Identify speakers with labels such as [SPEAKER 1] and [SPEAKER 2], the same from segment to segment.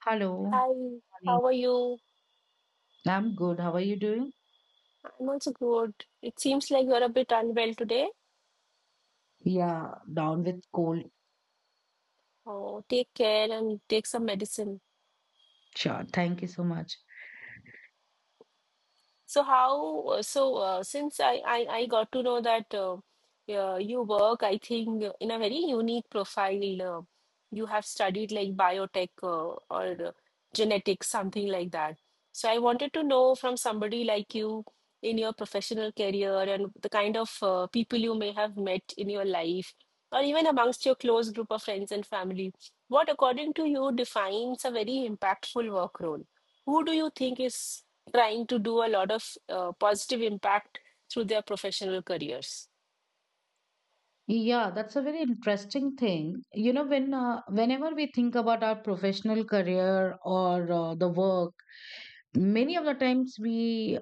[SPEAKER 1] Hello,
[SPEAKER 2] Hi,
[SPEAKER 1] morning.
[SPEAKER 2] how are you?
[SPEAKER 1] I'm good. How are you doing?
[SPEAKER 2] I'm also good. It seems like you're a bit unwell today.
[SPEAKER 1] Yeah, down with cold.
[SPEAKER 2] Oh, take care and take some medicine.
[SPEAKER 1] Sure. Thank you so much.
[SPEAKER 2] So how, so since I got to know that yeah, you work, I think, in a very unique profile. You have studied like biotech or genetics, something like that. So I wanted to know from somebody like you in your professional career and the kind of people you may have met in your life or even amongst your close group of friends and family, what according to you defines a very impactful work role? Who do you think is trying to do a lot of positive impact through their professional careers?
[SPEAKER 1] Yeah, that's a very interesting thing. You know, when whenever we think about our professional career or the work, many of the times we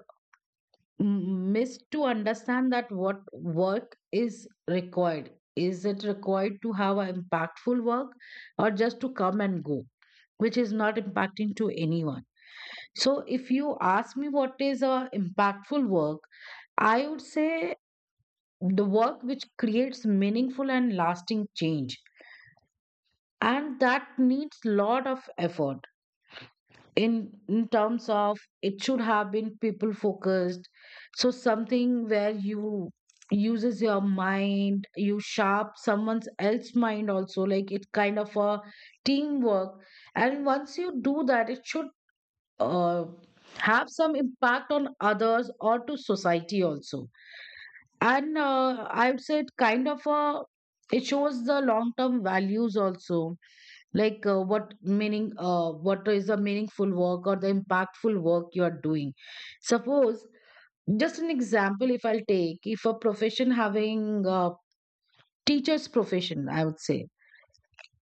[SPEAKER 1] miss to understand that what work is required. Is it required to have an impactful work or just to come and go, which is not impacting to anyone? So if you ask me what is a impactful work, I would say the work which creates meaningful and lasting change. And that needs lot of effort in terms of it should have been people focused. So something where you uses your mind, you sharp someone's else mind also, like it kind of a teamwork. And once you do that, it should uh, have some impact on others or to society also and I would say it kind of it shows the long term values also like what meaning what is the meaningful work or the impactful work you are doing. Suppose just an example, if I'll take, if a profession having a teacher's profession, I would say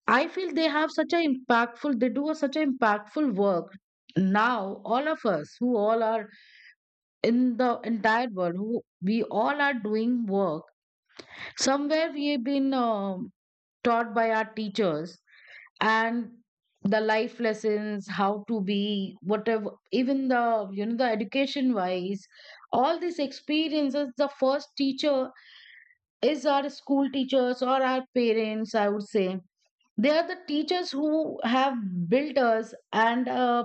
[SPEAKER 1] I feel they have such a impactful, they do a, such an impactful work. Now all of us who all are in the entire world, who we all are doing work, somewhere we've been taught by our teachers and the life lessons, how to be whatever, even the, you know, the education wise, all these experiences, the first teacher is our school teachers or our parents, I would say. They are the teachers who have built us and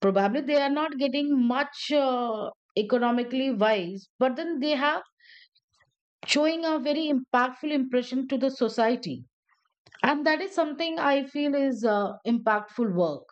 [SPEAKER 1] probably they are not getting much economically wise, but then they have showing a very impactful impression to the society. And that is something I feel is impactful work.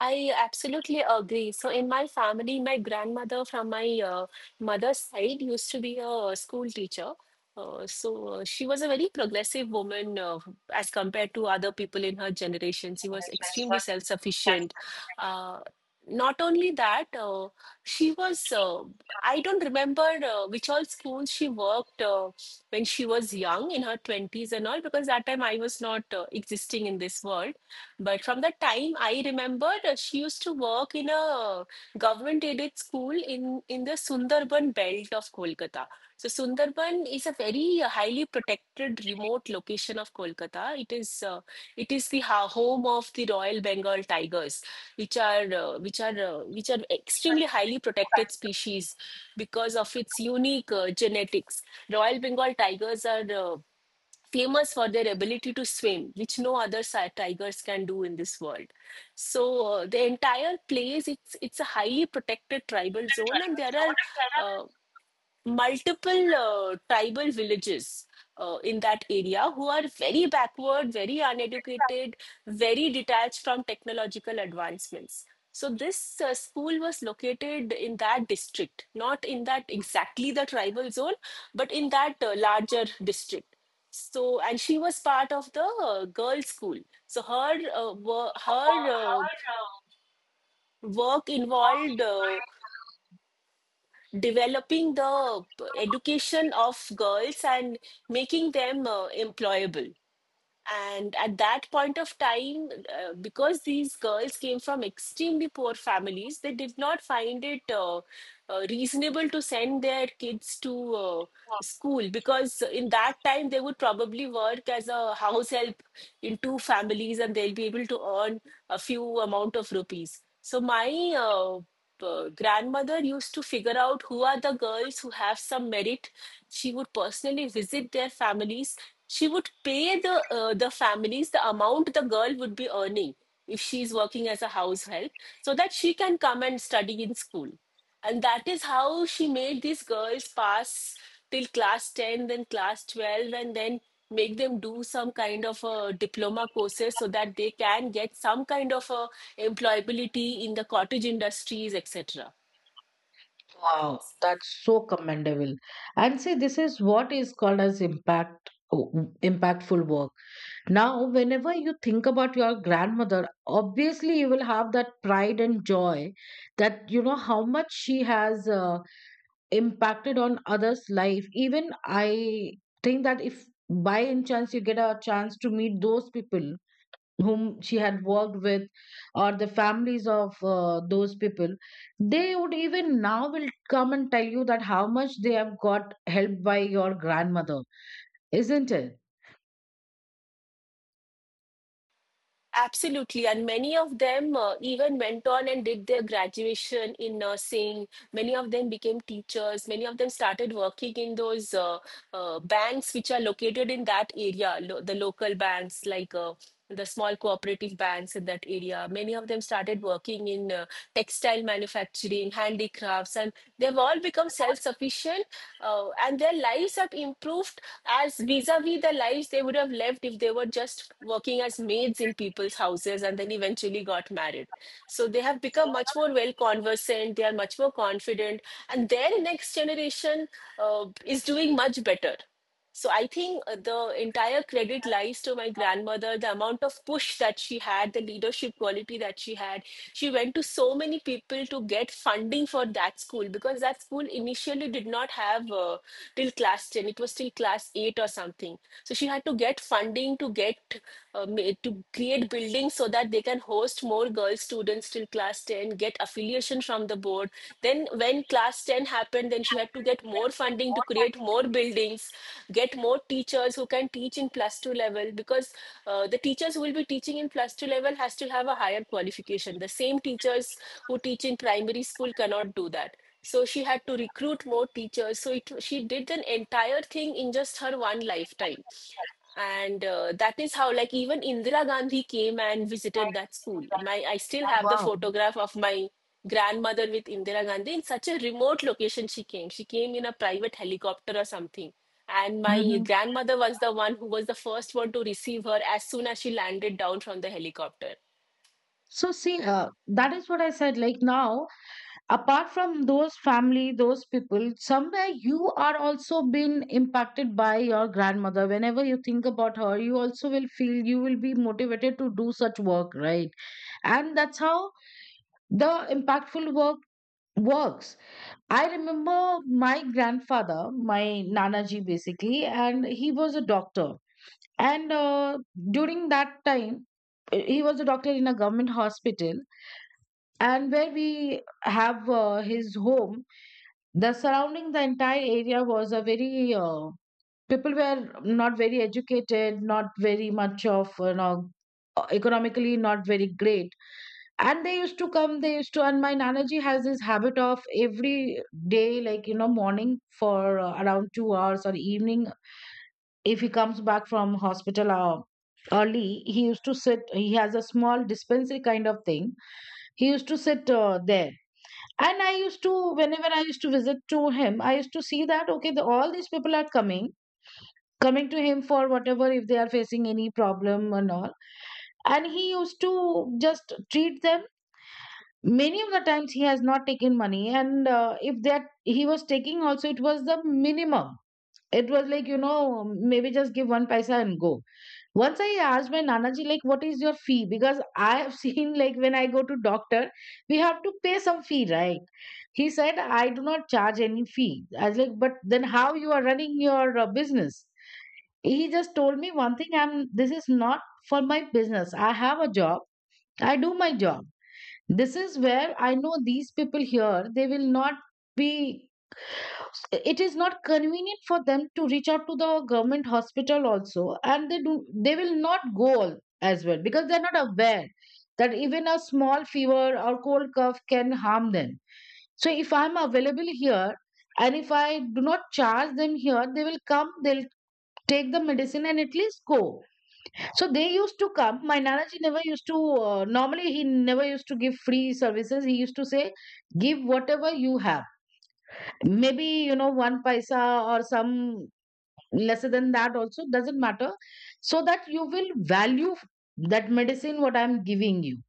[SPEAKER 2] I absolutely agree. So, in my family, my grandmother from my mother's side used to be a school teacher. She was a very progressive woman as compared to other people in her generation. She was extremely self-sufficient. Uh, not only that, she was, uh, I don't remember which all schools she worked when she was young, in her 20s and all, because that time I was not existing in this world. But from the time I remember, she used to work in a government-aided school in the Sundarban belt of Kolkata. So Sundarban is a very highly protected remote location of Kolkata. It is the ha home of the Royal Bengal tigers, which are extremely highly protected species because of its unique genetics. Royal Bengal tigers are famous for their ability to swim, which no other tigers can do in this world. So the entire place, it's a highly protected tribal zone, and there are uh, multiple tribal villages in that area who are very backward, very uneducated, very detached from technological advancements. So this school was located in that district, not in that exactly the tribal zone, but in that larger district. So and she was part of the girls' school. So her work involved developing the education of girls and making them employable. And at that point of time, because these girls came from extremely poor families, they did not find it reasonable to send their kids to school, because in that time they would probably work as a house help in two families and they'll be able to earn a few amount of rupees. So my uh, grandmother used to figure out who are the girls who have some merit. She would personally visit their families. She would pay the families the amount the girl would be earning if she is working as a house help, so that she can come and study in school. And that is how she made these girls pass till class 10, then class 12, and then make them do some kind of a diploma courses so that they can get some kind of a employability in the cottage industries, etc.
[SPEAKER 1] Wow, that's so commendable. And see, this is what is called as impactful work. Now, whenever you think about your grandmother, obviously you will have that pride and joy that you know how much she has impacted on others' life. Even I think that if by any chance you get a chance to meet those people whom she had worked with or the families of those people, they would even now will come and tell you that how much they have got helped by your grandmother, isn't it?
[SPEAKER 2] Absolutely, and many of them even went on and did their graduation in nursing. Many of them became teachers. Many of them started working in those banks which are located in that area, lo the local banks like the small cooperative banks in that area. Many of them started working in textile manufacturing, handicrafts, and they've all become self sufficient and their lives have improved as vis a vis the lives they would have lived if they were just working as maids in people's houses and then eventually got married. So they have become much more well conversant, they are much more confident, and their next generation is doing much better. So I think the entire credit lies to my grandmother, the amount of push that she had, the leadership quality that she had. She went to so many people to get funding for that school because that school initially did not have till class 10. It was till class 8 or something. So she had to get funding to get to create buildings so that they can host more girl students till class 10, get affiliation from the board. Then when class 10 happened, then she had to get more funding to create more buildings, get more teachers who can teach in plus two level, because the teachers who will be teaching in plus two level has to have a higher qualification, the same teachers who teach in primary school cannot do that. So she had to recruit more teachers. She did an entire thing in just her one lifetime. And that is how, like, even Indira Gandhi came and visited that school. I still have the
[SPEAKER 1] Wow.
[SPEAKER 2] photograph of my grandmother with Indira Gandhi in such a remote location. She came. She came in a private helicopter or something. And my
[SPEAKER 1] Hmm.
[SPEAKER 2] grandmother was the one who was the first one to receive her as soon as she landed down from the helicopter.
[SPEAKER 1] So, see, that is what I said. Like now, apart from those family, those people, somewhere you are also being impacted by your grandmother. Whenever you think about her, you also will feel, you will be motivated to do such work, right? And that's how the impactful work works. I remember my grandfather, my Nanaji basically, and he was a doctor. And during that time, he was a doctor in a government hospital. And where we have his home, the surrounding, the entire area was a very people were not very educated, not very much of, you know, economically not very great. And they used to come, they used to, and my Nanaji has this habit of every day, like, you know, morning for around 2 hours, or evening, if he comes back from hospital early, he used to sit. He has a small dispensary kind of thing, he used to sit there. And I used to, whenever I used to visit to him, I used to see that, okay, all these people are coming to him for whatever, if they are facing any problem and all. And he used to just treat them. Many of the times he has not taken money, and if that he was taking also, it was the minimum. It was like, you know, maybe just give one paisa and go. Once I asked my Nanaji, like, what is your fee? Because I have seen, like, when I go to doctor, we have to pay some fee, right? He said, I do not charge any fee. I was like, but then how you are running your business? He just told me one thing, I'm, this is not for my business, I have a job, I do my job. This is where I know these people here, they will not be, it is not convenient for them to reach out to the government hospital also, and they do, they will not go as well, because they're not aware that even a small fever or cold cough can harm them. So if I'm available here, and if I do not charge them here, they will come, they'll take the medicine and at least go. So they used to come. My Nanaji never used to, normally, he never used to give free services. He used to say, give whatever you have. Maybe, you know, one paisa, or some lesser than that also, doesn't matter. So that you will value that medicine what I'm giving you.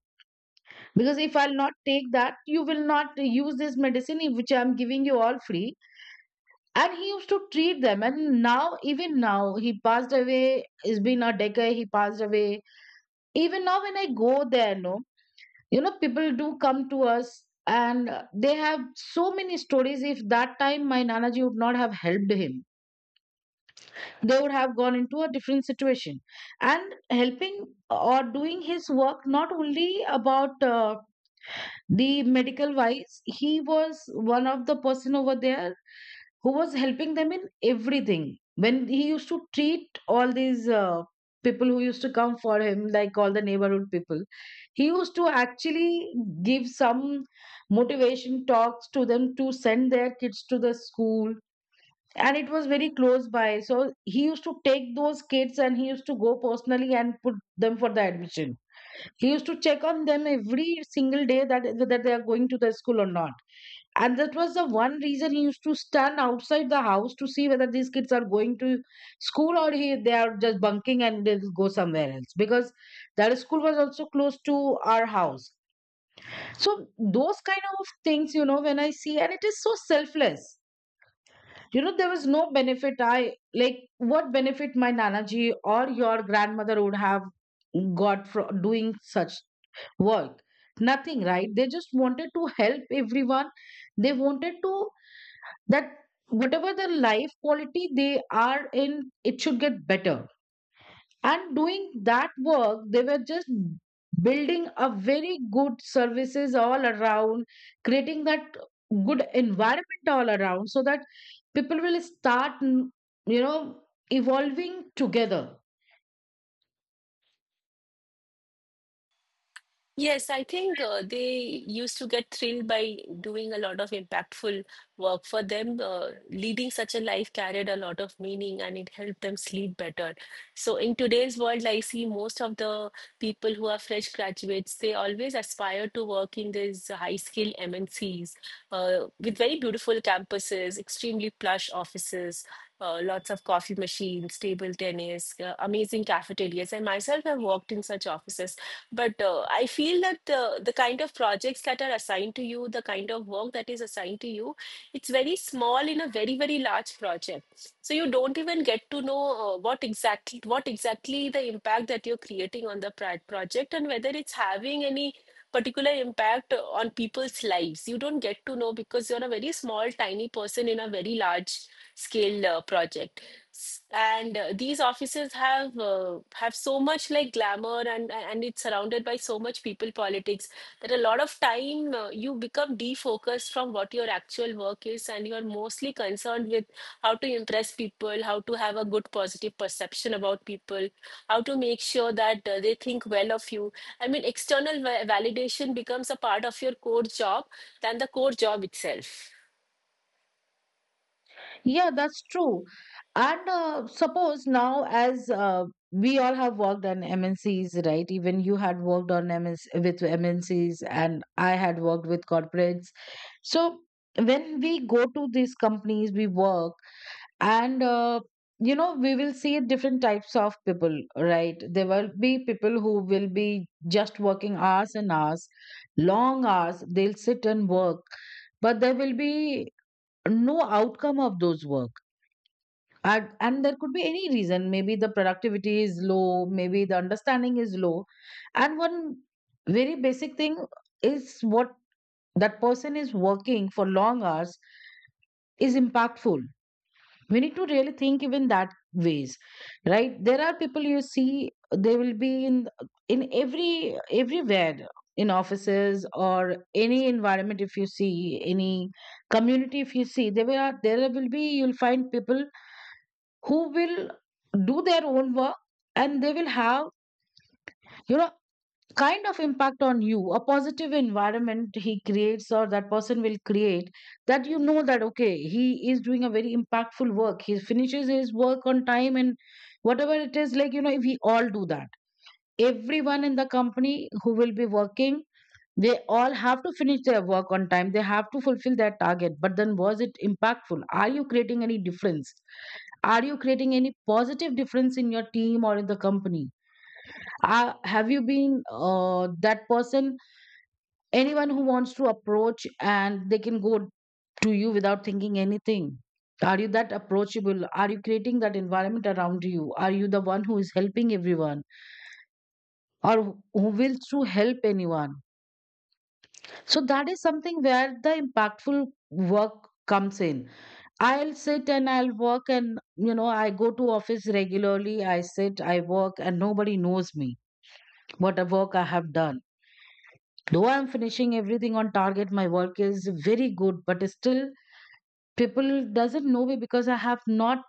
[SPEAKER 1] Because if I'll not take that, you will not use this medicine which I'm giving you all free. And he used to treat them. And now, even now, he passed away. It's been a decade, he passed away. Even now when I go there, no, you know, people do come to us, and they have so many stories, if that time my Nanaji would not have helped him, they would have gone into a different situation. And helping or doing his work, not only about the medical wise, he was one of the person over there who was helping them in everything. When he used to treat all these people who used to come for him, like all the neighborhood people, he used to actually give some motivation talks to them to send their kids to the school. And it was very close by. So he used to take those kids and he used to go personally and put them for the admission. He used to check on them every single day, that whether they are going to the school or not. And that was the one reason he used to stand outside the house, to see whether these kids are going to school, or they are just bunking and they'll go somewhere else. Because that school was also close to our house. So those kind of things, you know, when I see, and it is so selfless. You know, there was no benefit. I, like, what benefit my Nanaji or your grandmother would have got from doing such work. Nothing, right? They just wanted to help everyone. They wanted to, that whatever the life quality they are in, it should get better. And doing that work, they were just building a very good services all around, creating that good environment all around, so that people will start, you know, evolving together.
[SPEAKER 2] Yes, I think they used to get thrilled by doing a lot of impactful work. For them, leading such a life carried a lot of meaning and it helped them sleep better. So, in today's world, I see most of the people who are fresh graduates, they always aspire to work in these high skill MNCs with very beautiful campuses, extremely plush offices. Lots of coffee machines, table tennis, amazing cafeterias. And myself, have worked in such offices. But I feel that the kind of projects that are assigned to you, the kind of work that is assigned to you, it's very small in a very, very large project. So you don't even get to know what exactly the impact that you're creating on the project and whether it's having any particular impact on people's lives. You don't get to know because you're a very small, tiny person in a very large scale project. And these offices have so much like glamour and it's surrounded by so much people politics, that a lot of time you become defocused from what your actual work is and you're mostly concerned with how to impress people, how to have a good positive perception about people, how to make sure that they think well of you. I mean, external validation becomes a part of your core job than the core job itself.
[SPEAKER 1] Yeah, that's true. And suppose now, as we all have worked on MNCs, right? Even you had worked on MNC with MNCs, and I had worked with corporates. So when we go to these companies, we work, and you know, we will see different types of people, right? There will be people who will be just working hours and hours, long hours. They'll sit and work, but there will be no outcome of those work. And there could be any reason, maybe the productivity is low, maybe the understanding is low. And one very basic thing is what, that person is working for long hours, is impactful? We need to really think even that ways, right? There are people, you see, they will be in every everywhere, in offices or any environment, if you see any community, if you see, there are, there will be, you'll find people who will do their own work, and they will have, you know, kind of impact on you. A positive environment he creates, or that person will create, that, you know, that okay, he is doing a very impactful work, he finishes his work on time, and whatever it is, like, you know, if we all do that, everyone in the company who will be working, they all have to finish their work on time, they have to fulfill their target, but then was it impactful? Are you creating any difference? Are you creating any positive difference in your team or in the company? Have you been that person, anyone who wants to approach, and they can go to you without thinking anything? Are you that approachable? Are you creating that environment around you? Are you the one who is helping everyone, or who will to help anyone? So that is something where the impactful work comes in. I'll sit and I'll work, and you know, I go to office regularly, I sit, I work, and nobody knows me what a work I have done, though I'm finishing everything on target, my work is very good, but still people doesn't know me, because I have not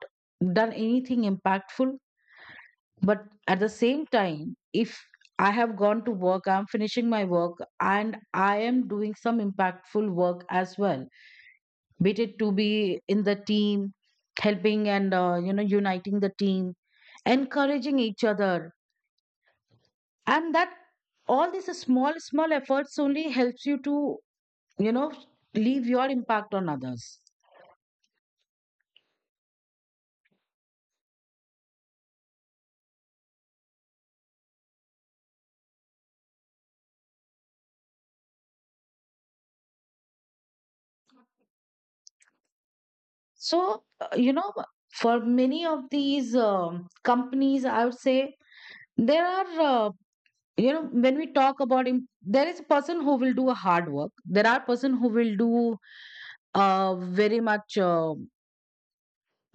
[SPEAKER 1] done anything impactful. But at the same time, if I have gone to work, I'm finishing my work, and I am doing some impactful work as well, be it to be in the team, helping, and you know, uniting the team, encouraging each other, and that, all these small small efforts only helps you to, you know, leave your impact on others. So you know, for many of these companies, I would say, there are you know, when we talk about there is a person who will do a hard work, there are person who will do uh, very much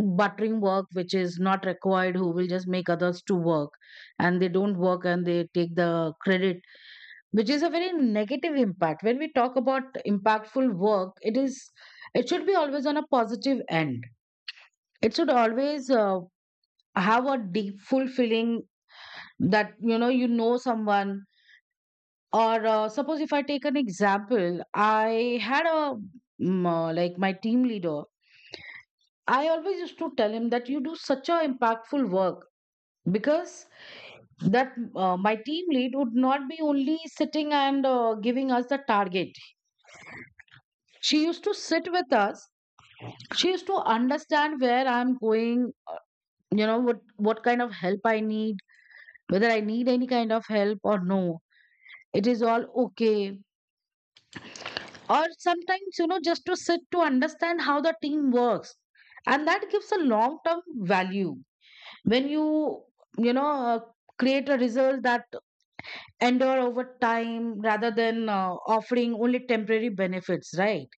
[SPEAKER 1] buttering work, which is not required, who will just make others to work, and they don't work, and they take the credit, which is a very negative impact. When we talk about impactful work, it is, it should be always on a positive end. It should always have a deep fulfilling, that, you know, you know someone, or suppose if I take an example, I had a like my team leader, I always used to tell him that you do such a impactful work. Because that my team lead would not be only sitting and giving us the target, she used to sit with us, she used to understand where I'm going, you know, what kind of help I need, whether I need any kind of help or no, it is all okay, or sometimes, you know, just to sit to understand how the team works, and that gives a long term value, when you know, create a result that endure over time, rather than offering only temporary benefits, right?